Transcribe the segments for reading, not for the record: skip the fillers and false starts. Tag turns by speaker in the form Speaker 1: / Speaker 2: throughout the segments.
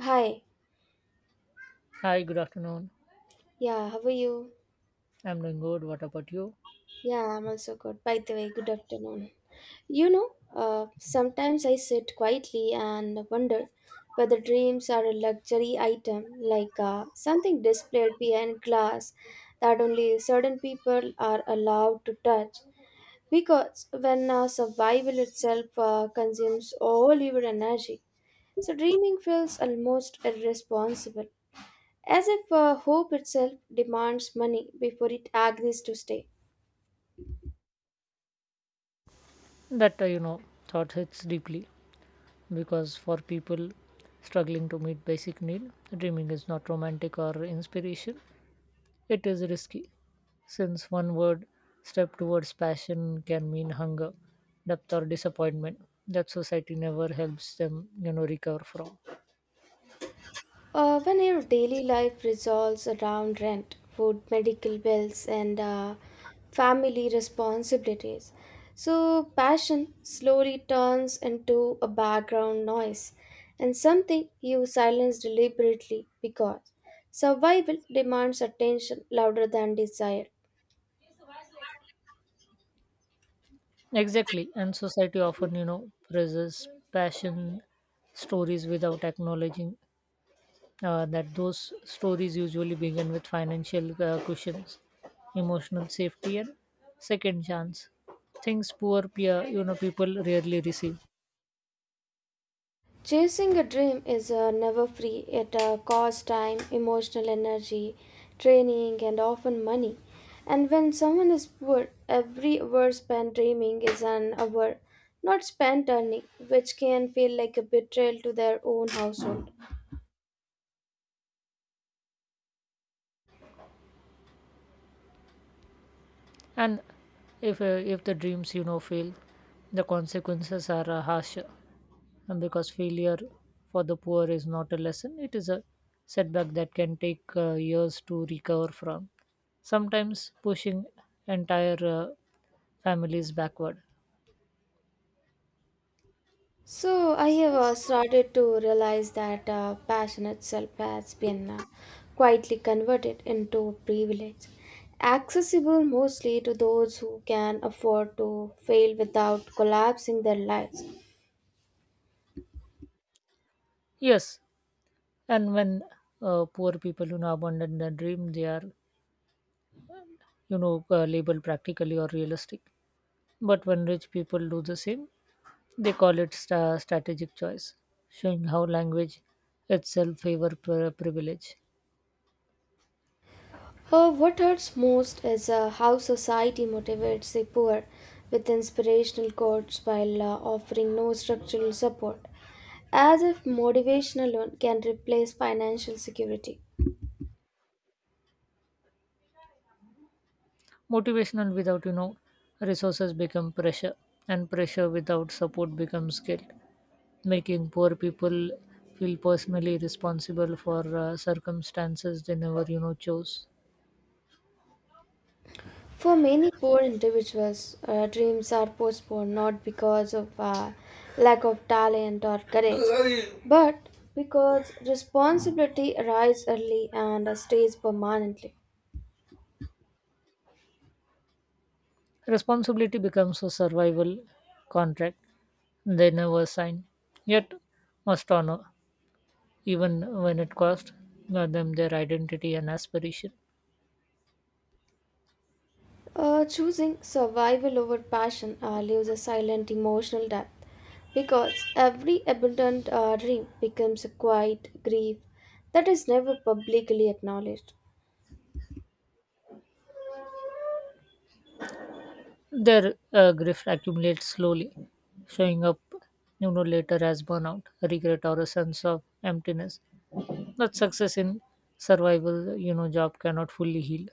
Speaker 1: Hi.
Speaker 2: Hi, good afternoon.
Speaker 1: Yeah, how are you?
Speaker 2: I'm doing good. What about you?
Speaker 1: Yeah, I'm also good. By the way, good afternoon. You know, sometimes I sit quietly and wonder whether dreams are a luxury item, like something displayed behind glass that only certain people are allowed to touch. Because when survival itself consumes all your energy, so dreaming feels almost irresponsible, as if hope itself demands money before it agrees to stay.
Speaker 2: That thought hits deeply because for people struggling to meet basic need, dreaming is not romantic or inspiration. It is risky since one word step towards passion can mean hunger, depth or disappointment that society never helps them, recover from.
Speaker 1: When your daily life revolves around rent, food, medical bills, and family responsibilities, so passion slowly turns into a background noise and something you silence deliberately because survival demands attention louder than desire.
Speaker 2: Exactly. And society often praises passion stories without acknowledging that those stories usually begin with financial cushions, emotional safety, and second chance. Things poor people rarely receive.
Speaker 1: Chasing a dream is never free. It costs time, emotional energy, training, and often money. And when someone is poor, every hour spent dreaming is an hour not spent earning, which can feel like a betrayal to their own household.
Speaker 2: And if the dreams fail, the consequences are harsher. And because failure for the poor is not a lesson, it is a setback that can take years to recover from. Sometimes pushing entire families backward.
Speaker 1: So I have started to realize that passion itself has been quietly converted into privilege, accessible mostly to those who can afford to fail without collapsing their lives.
Speaker 2: Yes, and when poor people abandon their dream, they are, labeled practically or realistic. But when rich people do the same, they call it strategic choice, showing how language itself favor privilege.
Speaker 1: What hurts most is how society motivates the poor with inspirational quotes while offering no structural support, as if motivation alone can replace financial security.
Speaker 2: Motivational without resources become pressure, and pressure without support becomes guilt, making poor people feel personally responsible for circumstances they never chose.
Speaker 1: For many poor individuals, dreams are postponed not because of lack of talent or courage, but because responsibility arrives early and stays permanently.
Speaker 2: Responsibility becomes a survival contract they never sign, yet must honor, even when it costs them their identity and aspiration.
Speaker 1: Choosing survival over passion leaves a silent emotional depth because every abandoned dream becomes a quiet grief that is never publicly acknowledged.
Speaker 2: Their grief accumulates slowly, showing up later as burnout, regret, or a sense of emptiness. That success in survival job cannot fully heal.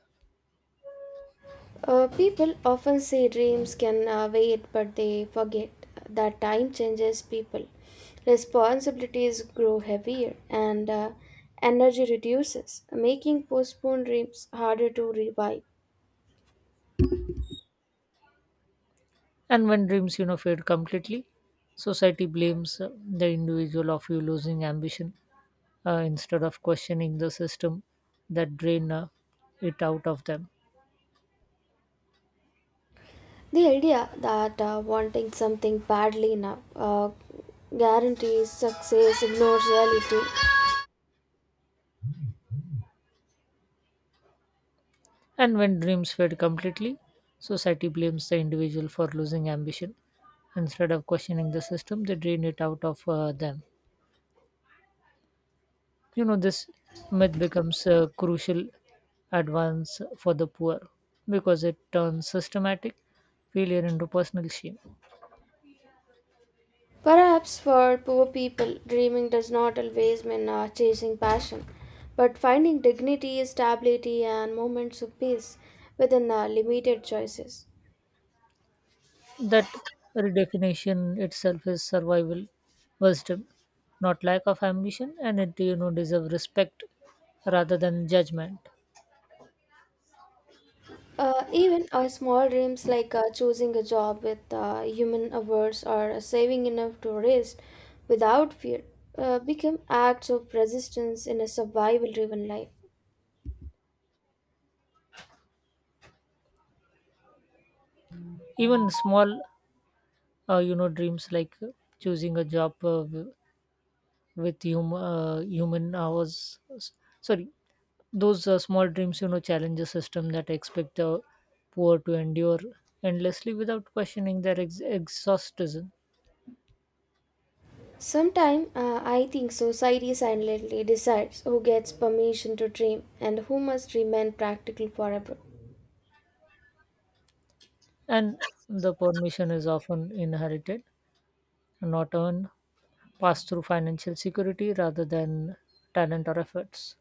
Speaker 1: People often say dreams can wait, but they forget that time changes people. Responsibilities grow heavier and energy reduces, making postponed dreams harder to revive.
Speaker 2: And when dreams fade completely, society blames the individual of you losing ambition instead of questioning the system that drain it out of them.
Speaker 1: The idea that wanting something badly now guarantees success ignores reality.
Speaker 2: And when dreams fade completely, society blames the individual for losing ambition instead of questioning the system they drain it out of them. This myth becomes a crucial advance for the poor because it turns systematic failure into personal shame.
Speaker 1: Perhaps for poor people, dreaming does not always mean chasing passion, but finding dignity, stability, and moments of peace within limited choices.
Speaker 2: That redefinition itself is survival wisdom, not lack of ambition, and it deserve respect rather than judgment.
Speaker 1: Even small dreams like choosing a job with human hours or saving enough to rest without fear become acts of resistance in a survival driven life.
Speaker 2: Even small dreams like choosing a job with human hours. Sorry, those small dreams challenge a system that expect the poor to endure endlessly without questioning their exhaustism.
Speaker 1: Sometimes I think society silently decides who gets permission to dream and who must remain practical forever.
Speaker 2: And the permission is often inherited, not earned pass through financial security rather than talent or efforts.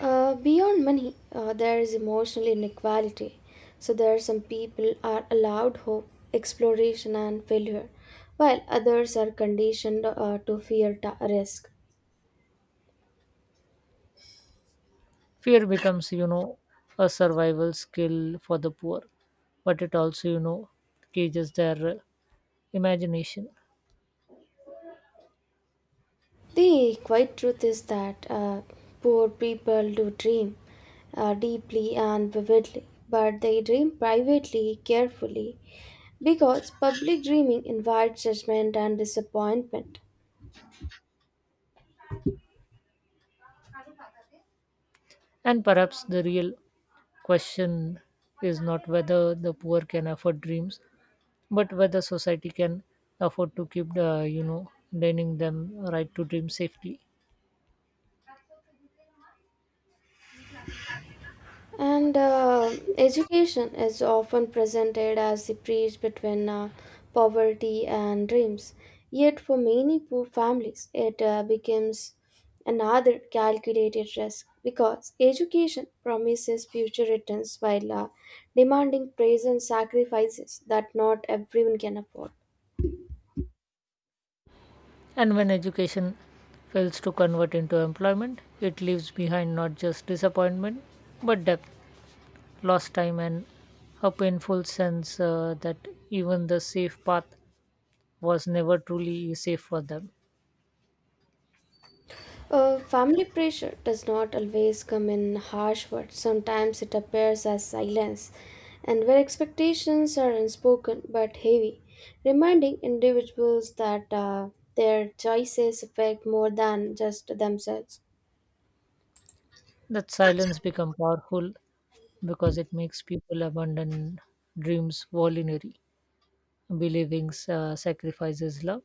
Speaker 1: Beyond money, there is emotional inequality. So there are some people are allowed hope, exploration, and failure, while others are conditioned to fear risk.
Speaker 2: Fear becomes a survival skill for the poor, but it also cages their imagination.
Speaker 1: The quiet truth is that poor people do dream deeply and vividly, but they dream privately, carefully, because public dreaming invites judgment and disappointment.
Speaker 2: And perhaps the real question is not whether the poor can afford dreams, but whether society can afford to keep denying them right to dream safely.
Speaker 1: And education is often presented as the bridge between poverty and dreams. Yet, for many poor families, it becomes another calculated risk because education promises future returns while demanding present sacrifices that not everyone can afford.
Speaker 2: And when education fails to convert into employment, it leaves behind not just disappointment, but depth, lost time, and a painful sense that even the safe path was never truly safe for them.
Speaker 1: Family pressure does not always come in harsh words. Sometimes it appears as silence, and where expectations are unspoken but heavy, reminding individuals that their choices affect more than just themselves.
Speaker 2: That silence becomes powerful because it makes people abandon dreams voluntarily, believing sacrifices love,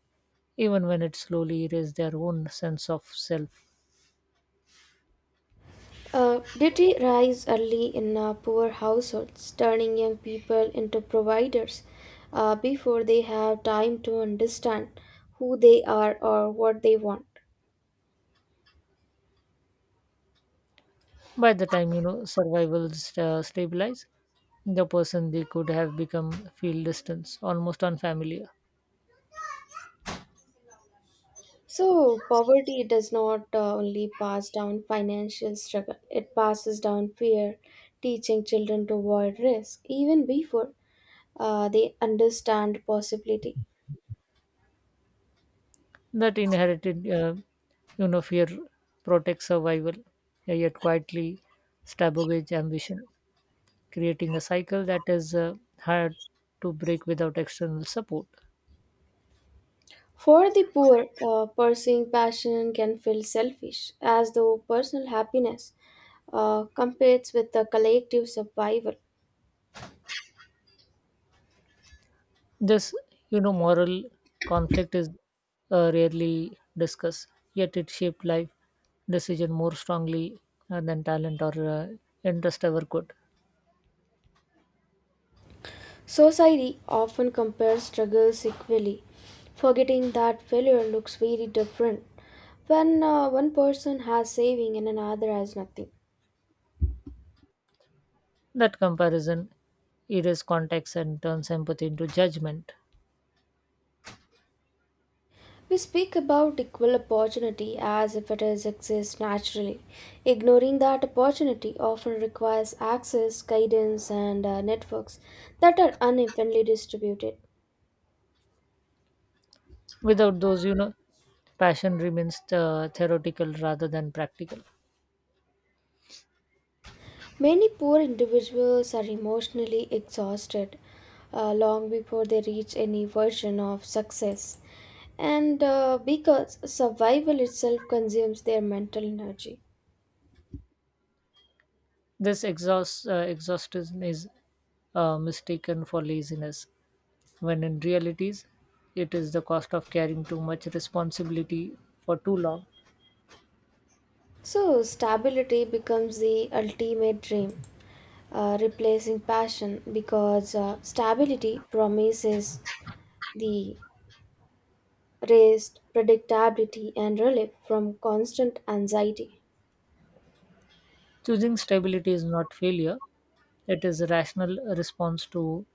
Speaker 2: even when it slowly erases their own sense of self.
Speaker 1: Duty rise early in poor households, turning young people into providers before they have time to understand who they are or what they want.
Speaker 2: By the time, survival stabilized, the person they could have become feel distance, almost unfamiliar.
Speaker 1: So, poverty does not only pass down financial struggle, it passes down fear, teaching children to avoid risk even before they understand possibility.
Speaker 2: That inherited, fear protects survival, yet quietly sabotages ambition, creating a cycle that is hard to break without external support.
Speaker 1: For the poor, pursuing passion can feel selfish, as though personal happiness competes with the collective survival.
Speaker 2: This moral conflict is rarely discussed, yet it shaped life decision more strongly than talent or interest ever could.
Speaker 1: Society often compares struggles equally, forgetting that failure looks very different when one person has saving and another has nothing.
Speaker 2: That comparison erases context and turns empathy into judgment.
Speaker 1: We speak about equal opportunity as if it is exists naturally, ignoring that opportunity often requires access, guidance, and networks that are unevenly distributed.
Speaker 2: Without those, passion remains theoretical rather than practical.
Speaker 1: Many poor individuals are emotionally exhausted long before they reach any version of success, and because survival itself consumes their mental energy.
Speaker 2: This exhaustion is mistaken for laziness, when in realities it is the cost of carrying too much responsibility for too long.
Speaker 1: So, stability becomes the ultimate dream, replacing passion because stability promises the rest, predictability, and relief from constant anxiety.
Speaker 2: Choosing stability is not failure, it is a rational response to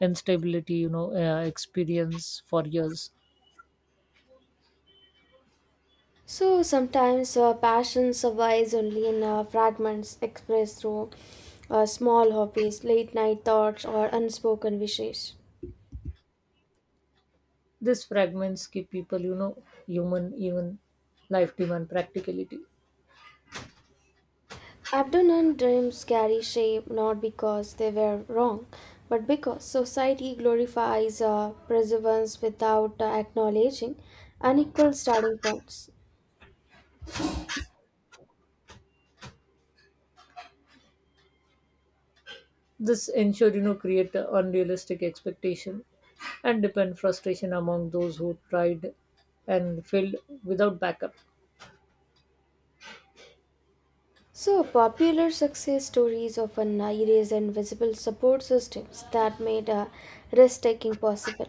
Speaker 2: instability, experience for years.
Speaker 1: So sometimes passion survives only in fragments expressed through small hobbies, late night thoughts, or unspoken wishes.
Speaker 2: These fragments keep people, human, even life demand practicality.
Speaker 1: Abandoned dreams carry shape not because they were wrong, but because society glorifies perseverance without acknowledging unequal starting points.
Speaker 2: This ensure create a unrealistic expectation and depend frustration among those who tried and failed without backup.
Speaker 1: So, popular success stories often erase invisible support systems that made risk taking possible.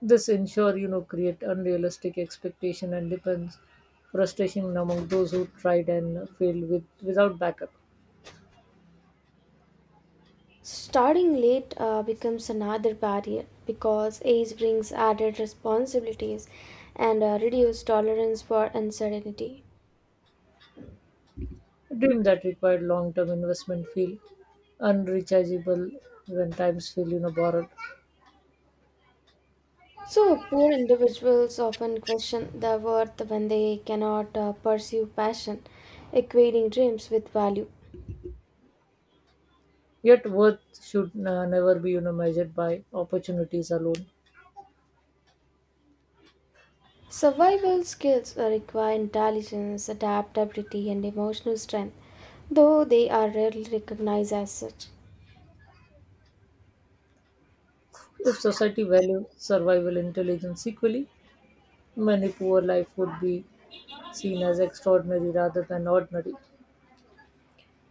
Speaker 2: This ensure create unrealistic expectation and depends frustration among those who tried and failed without backup.
Speaker 1: Starting late becomes another barrier because age brings added responsibilities and a reduced tolerance for uncertainty.
Speaker 2: A dream that required long term investment feel unrechargeable when times feel borrowed.
Speaker 1: So, poor individuals often question their worth when they cannot pursue passion, equating dreams with value.
Speaker 2: Yet worth should never be measured by opportunities alone.
Speaker 1: Survival skills require intelligence, adaptability, and emotional strength, though they are rarely recognized as such.
Speaker 2: If society valued survival intelligence equally, many poor life would be seen as extraordinary rather than ordinary.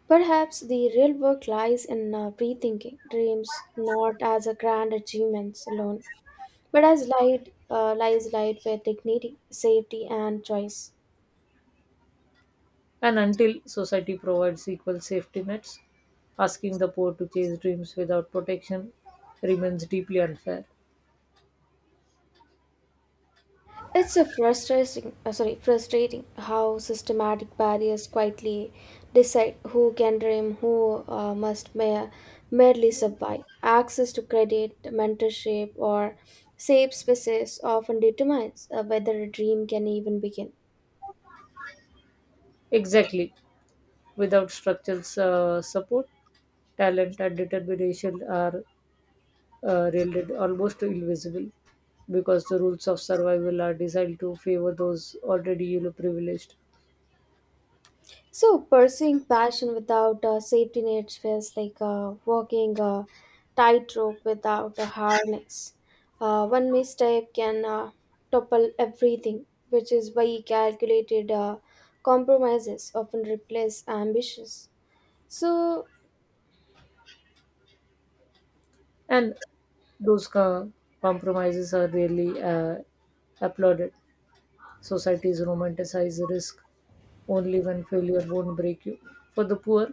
Speaker 1: Perhaps the real work lies in rethinking dreams not as a grand achievements alone, but as light, lies light with dignity, safety, and choice.
Speaker 2: And until society provides equal safety nets, asking the poor to chase dreams without protection remains deeply unfair.
Speaker 1: It's a frustrating how systematic barriers quietly decide who can dream, who must merely survive. Access to credit, mentorship, or safe spaces often determines whether a dream can even begin.
Speaker 2: Exactly. Without structural support, talent and determination are rendered almost invisible because the rules of survival are designed to favor those already privileged.
Speaker 1: So, pursuing passion without a safety net feels like walking a tightrope without a harness. One misstep can topple everything, which is why calculated compromises often replace ambitions. So,
Speaker 2: And those compromises are rarely applauded. Societies romanticize risk only when failure won't break you. For the poor,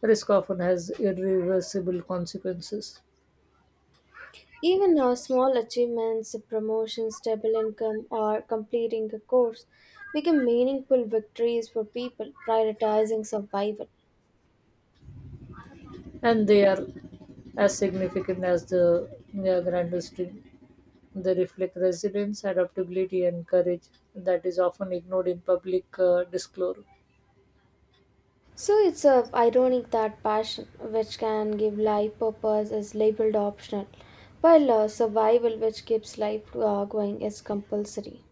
Speaker 2: risk often has irreversible consequences,
Speaker 1: even small achievements, promotion, stable income, or completing a course become meaningful victories for people prioritizing survival.
Speaker 2: and they are as significant as the grandest dream. They reflect resilience, adaptability, and courage that is often ignored in public discourse.
Speaker 1: So it's ironic that passion, which can give life purpose, is labeled optional, while survival, which keeps life going, is compulsory.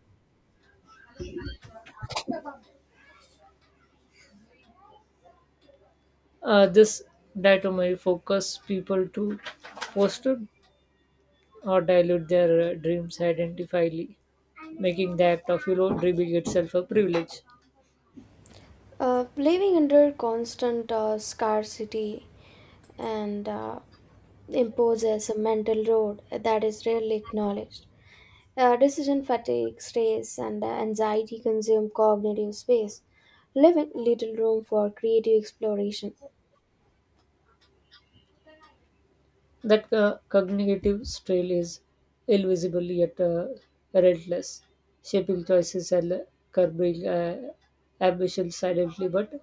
Speaker 2: This dichotomy focus people to foster or dilute their dreams identifiably, making the act of dreaming itself a privilege.
Speaker 1: Living under constant scarcity and imposes a mental load that is rarely acknowledged. Decision fatigue, stress, and anxiety consume cognitive space, leaving little room for creative exploration.
Speaker 2: That cognitive strain is invisible yet relentless, shaping choices and curbing ambition silently but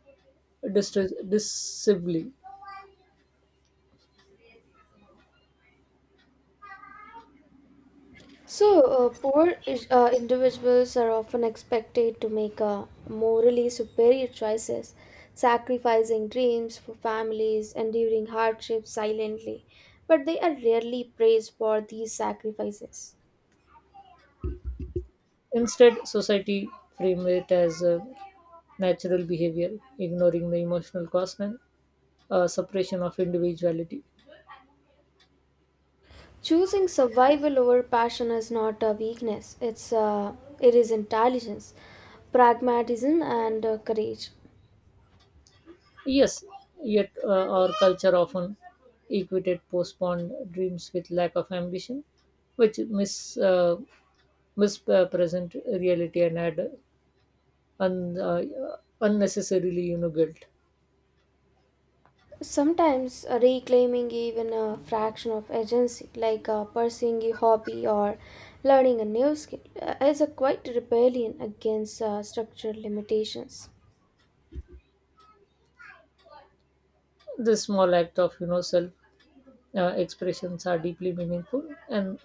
Speaker 2: decisively.
Speaker 1: So, individuals are often expected to make morally superior choices, sacrificing dreams for families, enduring hardships silently, but they are rarely praised for these sacrifices.
Speaker 2: Instead, society frames it as natural behavior, ignoring the emotional cost and suppression of individuality.
Speaker 1: Choosing survival over passion is not a weakness; it is intelligence, pragmatism, and courage.
Speaker 2: Yes, yet our culture often equated postponed dreams with lack of ambition, which misrepresents mispresent reality and add un, uh, unnecessarily guilt.
Speaker 1: Sometimes reclaiming even a fraction of agency, like pursuing a hobby or learning a new skill, is a quite rebellion against structural limitations.
Speaker 2: This small act of self expressions are deeply meaningful and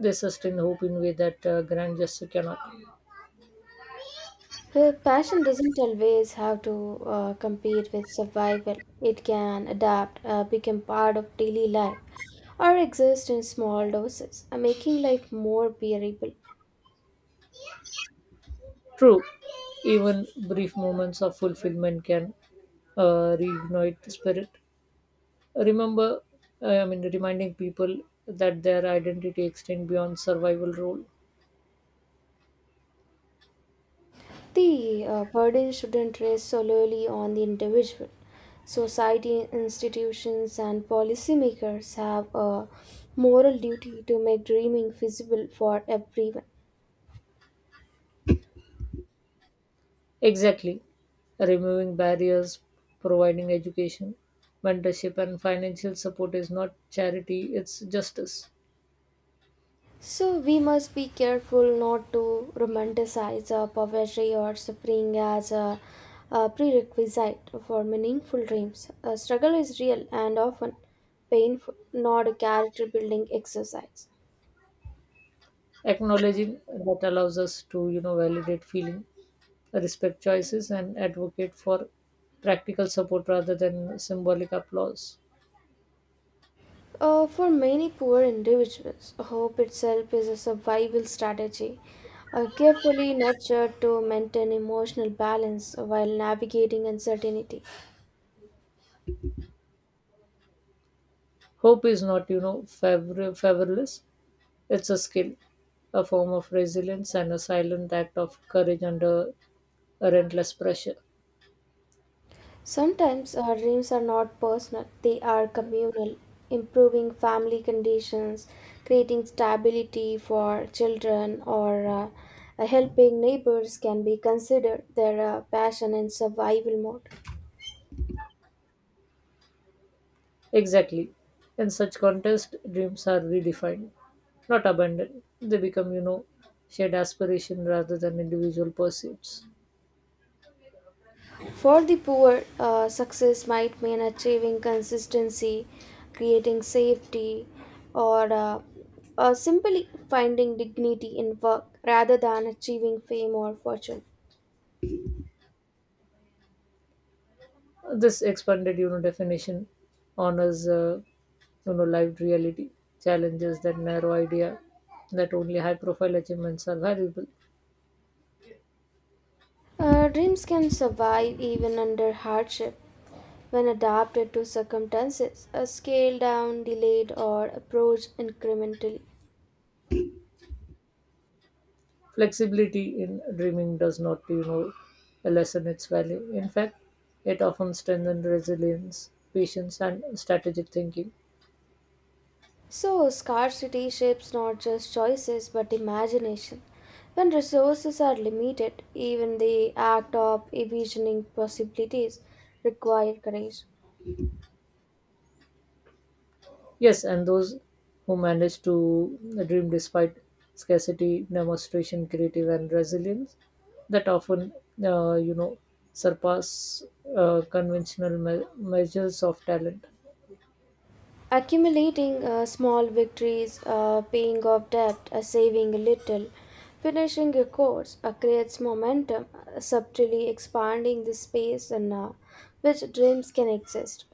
Speaker 2: they sustain hope in way that grand gesture cannot.
Speaker 1: Passion doesn't always have to compete with survival, it can adapt, become part of daily life, or exist in small doses, making life more bearable.
Speaker 2: True, even brief moments of fulfillment can reignite the spirit, remember I mean reminding people that their identity extends beyond survival role.
Speaker 1: The burden shouldn't rest solely on the individual. Society, institutions, and policymakers have a moral duty to make dreaming feasible for everyone.
Speaker 2: Exactly. Removing barriers, providing education, mentorship, and financial support is not charity, it's justice.
Speaker 1: So, we must be careful not to romanticize poverty or suffering as a prerequisite for meaningful dreams. A struggle is real and often painful, not a character building exercise.
Speaker 2: Acknowledging that allows us to validate feeling, respect choices, and advocate for practical support rather than symbolic applause.
Speaker 1: For many poor individuals, hope itself is a survival strategy, carefully nurtured to maintain emotional balance while navigating uncertainty.
Speaker 2: Hope is not favorless, it's a skill, a form of resilience, and a silent act of courage under a relentless pressure.
Speaker 1: Sometimes our dreams are not personal, they are communal, improving family conditions, creating stability for children, or helping neighbors can be considered their passion and survival mode.
Speaker 2: Exactly. In such contest, dreams are redefined, not abandoned. They become shared aspiration rather than individual pursuits.
Speaker 1: For the poor, success might mean achieving consistency, creating safety, or simply finding dignity in work rather than achieving fame or fortune.
Speaker 2: This expanded definition honors, lived reality, challenges that narrow idea that only high-profile achievements are valuable.
Speaker 1: Dreams can survive even under hardship when adapted to circumstances, scaled down, delayed, or approached incrementally.
Speaker 2: Flexibility in dreaming does not lessen its value. In fact, it often strengthens resilience, patience, and strategic thinking.
Speaker 1: So, scarcity shapes not just choices but imagination. When resources are limited, even the act of envisioning possibilities require courage.
Speaker 2: Yes, and those who manage to dream despite scarcity demonstration creative and resilience that often uh, you know surpass conventional measures of talent.
Speaker 1: Accumulating small victories, paying off debt, saving a little, finishing a course creates momentum, subtly expanding the space in which dreams can exist.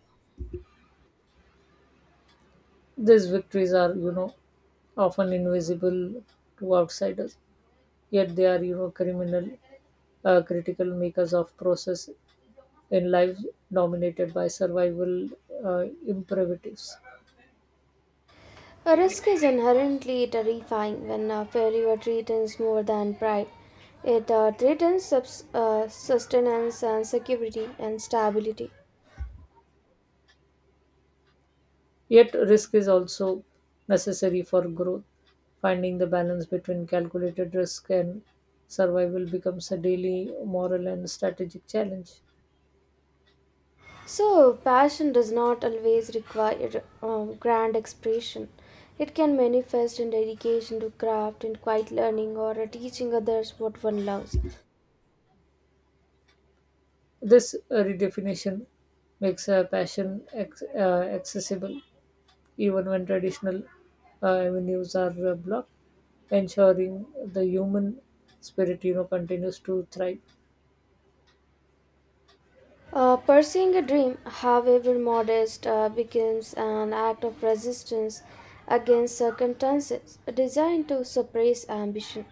Speaker 2: These victories are often invisible to outsiders, yet they are you know criminal critical makers of process in life dominated by survival imperatives.
Speaker 1: A risk is inherently terrifying when failure threatens more than pride. It threatens sustenance and security and stability.
Speaker 2: Yet, risk is also necessary for growth. Finding the balance between calculated risk and survival becomes a daily moral and strategic challenge.
Speaker 1: So, passion does not always require grand expression. It can manifest in dedication to craft in quiet learning or teaching others what one loves.
Speaker 2: This redefinition makes passion accessible even when traditional avenues are blocked, ensuring the human spirit continues to thrive.
Speaker 1: Pursuing a dream, however modest, becomes an act of resistance against circumstances designed to suppress ambition.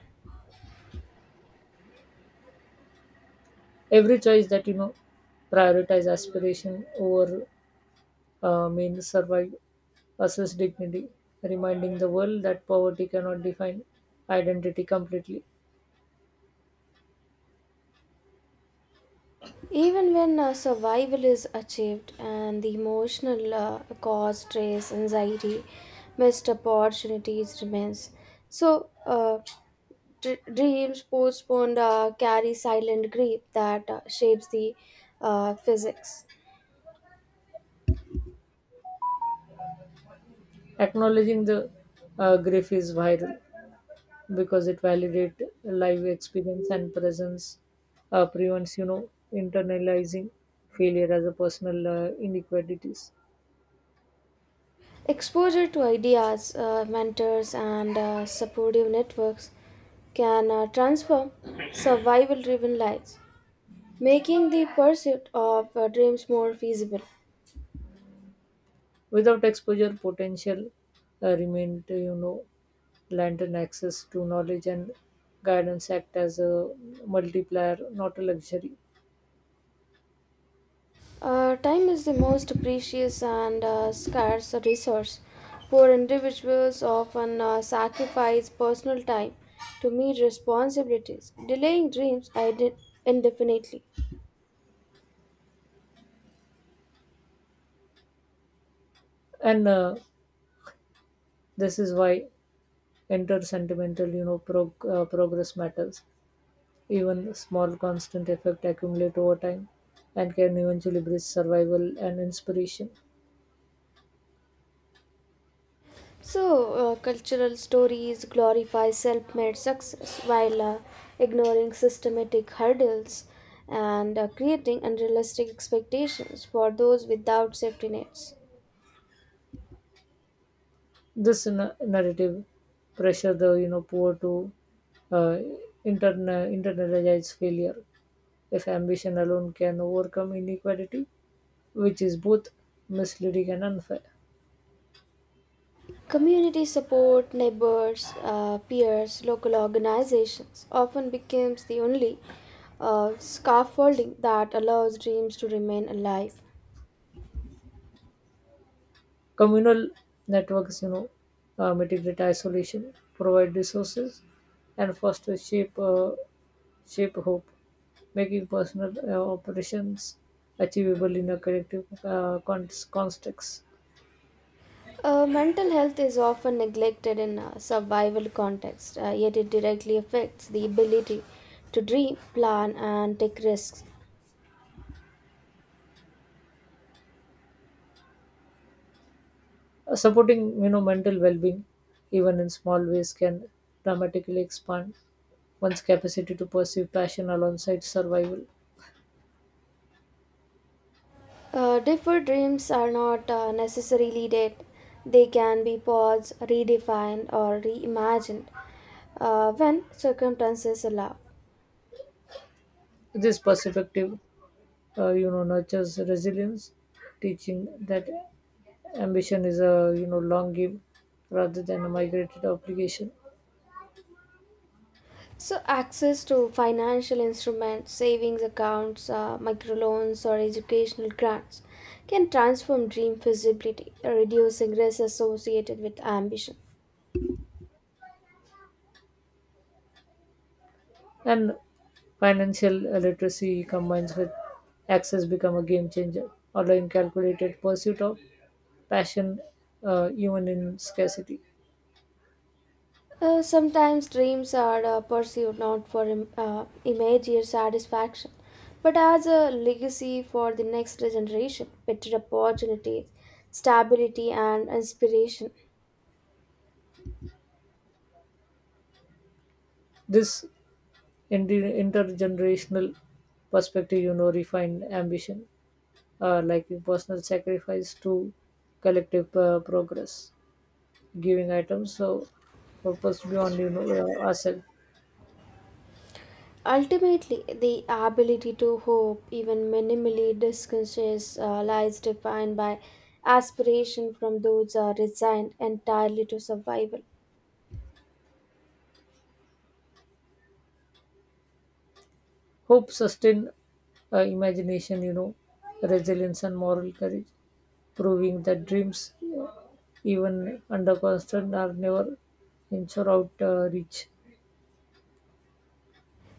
Speaker 2: Every choice that prioritize aspiration over means survive assess dignity, reminding the world that poverty cannot define identity completely.
Speaker 1: Even when survival is achieved and the emotional cause, stress, anxiety, missed opportunities remains. So, dreams postponed carry silent grief that shapes the physics.
Speaker 2: Acknowledging the grief is viral because it validates live experience and presence, prevents internalizing failure as a personal inequalities.
Speaker 1: Exposure to ideas, mentors, and supportive networks can transform survival driven lives, making the pursuit of dreams more feasible.
Speaker 2: Without exposure, potential remained lantern access to knowledge and guidance act as a multiplier, not a luxury.
Speaker 1: Time is the most precious and scarce resource. Poor individuals often sacrifice personal time to meet responsibilities, delaying dreams indefinitely.
Speaker 2: And this is why enter sentimental progress matters even small constant effect accumulate over time and can eventually bridge survival and inspiration.
Speaker 1: So, cultural stories glorify self made success while ignoring systematic hurdles and creating unrealistic expectations for those without safety nets.
Speaker 2: This narrative pressure the poor to uh, internalize failure if ambition alone can overcome inequality which is both misleading and unfair.
Speaker 1: Community support, neighbors, peers, local organizations often becomes the only scaffolding that allows dreams to remain alive.
Speaker 2: Communal networks, mitigate isolation, provide resources, and foster shape hope, making personal operations achievable in a collective context.
Speaker 1: Mental health is often neglected in a survival context, yet it directly affects the ability to dream, plan, and take risks.
Speaker 2: Supporting mental well-being, even in small ways, can dramatically expand one's capacity to pursue passion alongside survival.
Speaker 1: Deferred dreams are not necessarily dead, they can be paused, redefined, or reimagined when circumstances allow.
Speaker 2: This perspective, nurtures resilience, teaching that ambition is a long game rather than a migrated obligation.
Speaker 1: So, access to financial instruments, savings accounts, microloans, or educational grants can transform dream feasibility, reducing risks associated with ambition.
Speaker 2: And financial literacy combines with access become a game changer allowing calculated pursuit of passion even in scarcity.
Speaker 1: Sometimes dreams are pursued not for immediate satisfaction, but as a legacy for the next generation, better opportunities, stability, and inspiration.
Speaker 2: This intergenerational perspective refined ambition like in personal sacrifice to collective progress giving items so purpose beyond ourselves.
Speaker 1: Ultimately, the ability to hope, even minimally disconcerts, lies defined by aspiration from those resigned entirely to survival.
Speaker 2: Hope, sustained imagination, resilience, and moral courage, proving that dreams, uh, even under constant, are never inch or out reach.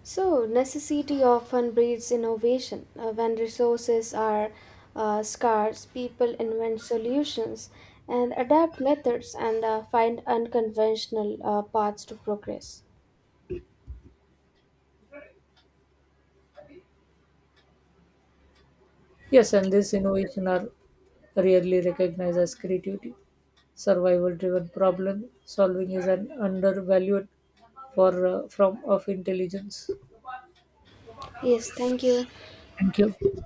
Speaker 1: So, necessity often breeds innovation. When resources are scarce, people invent solutions and adapt methods and find unconventional paths to progress.
Speaker 2: Yes, and this innovation are rarely recognized as creativity. Survival driven problem solving is an undervalued form of intelligence.
Speaker 1: Yes, thank you.
Speaker 2: Thank you.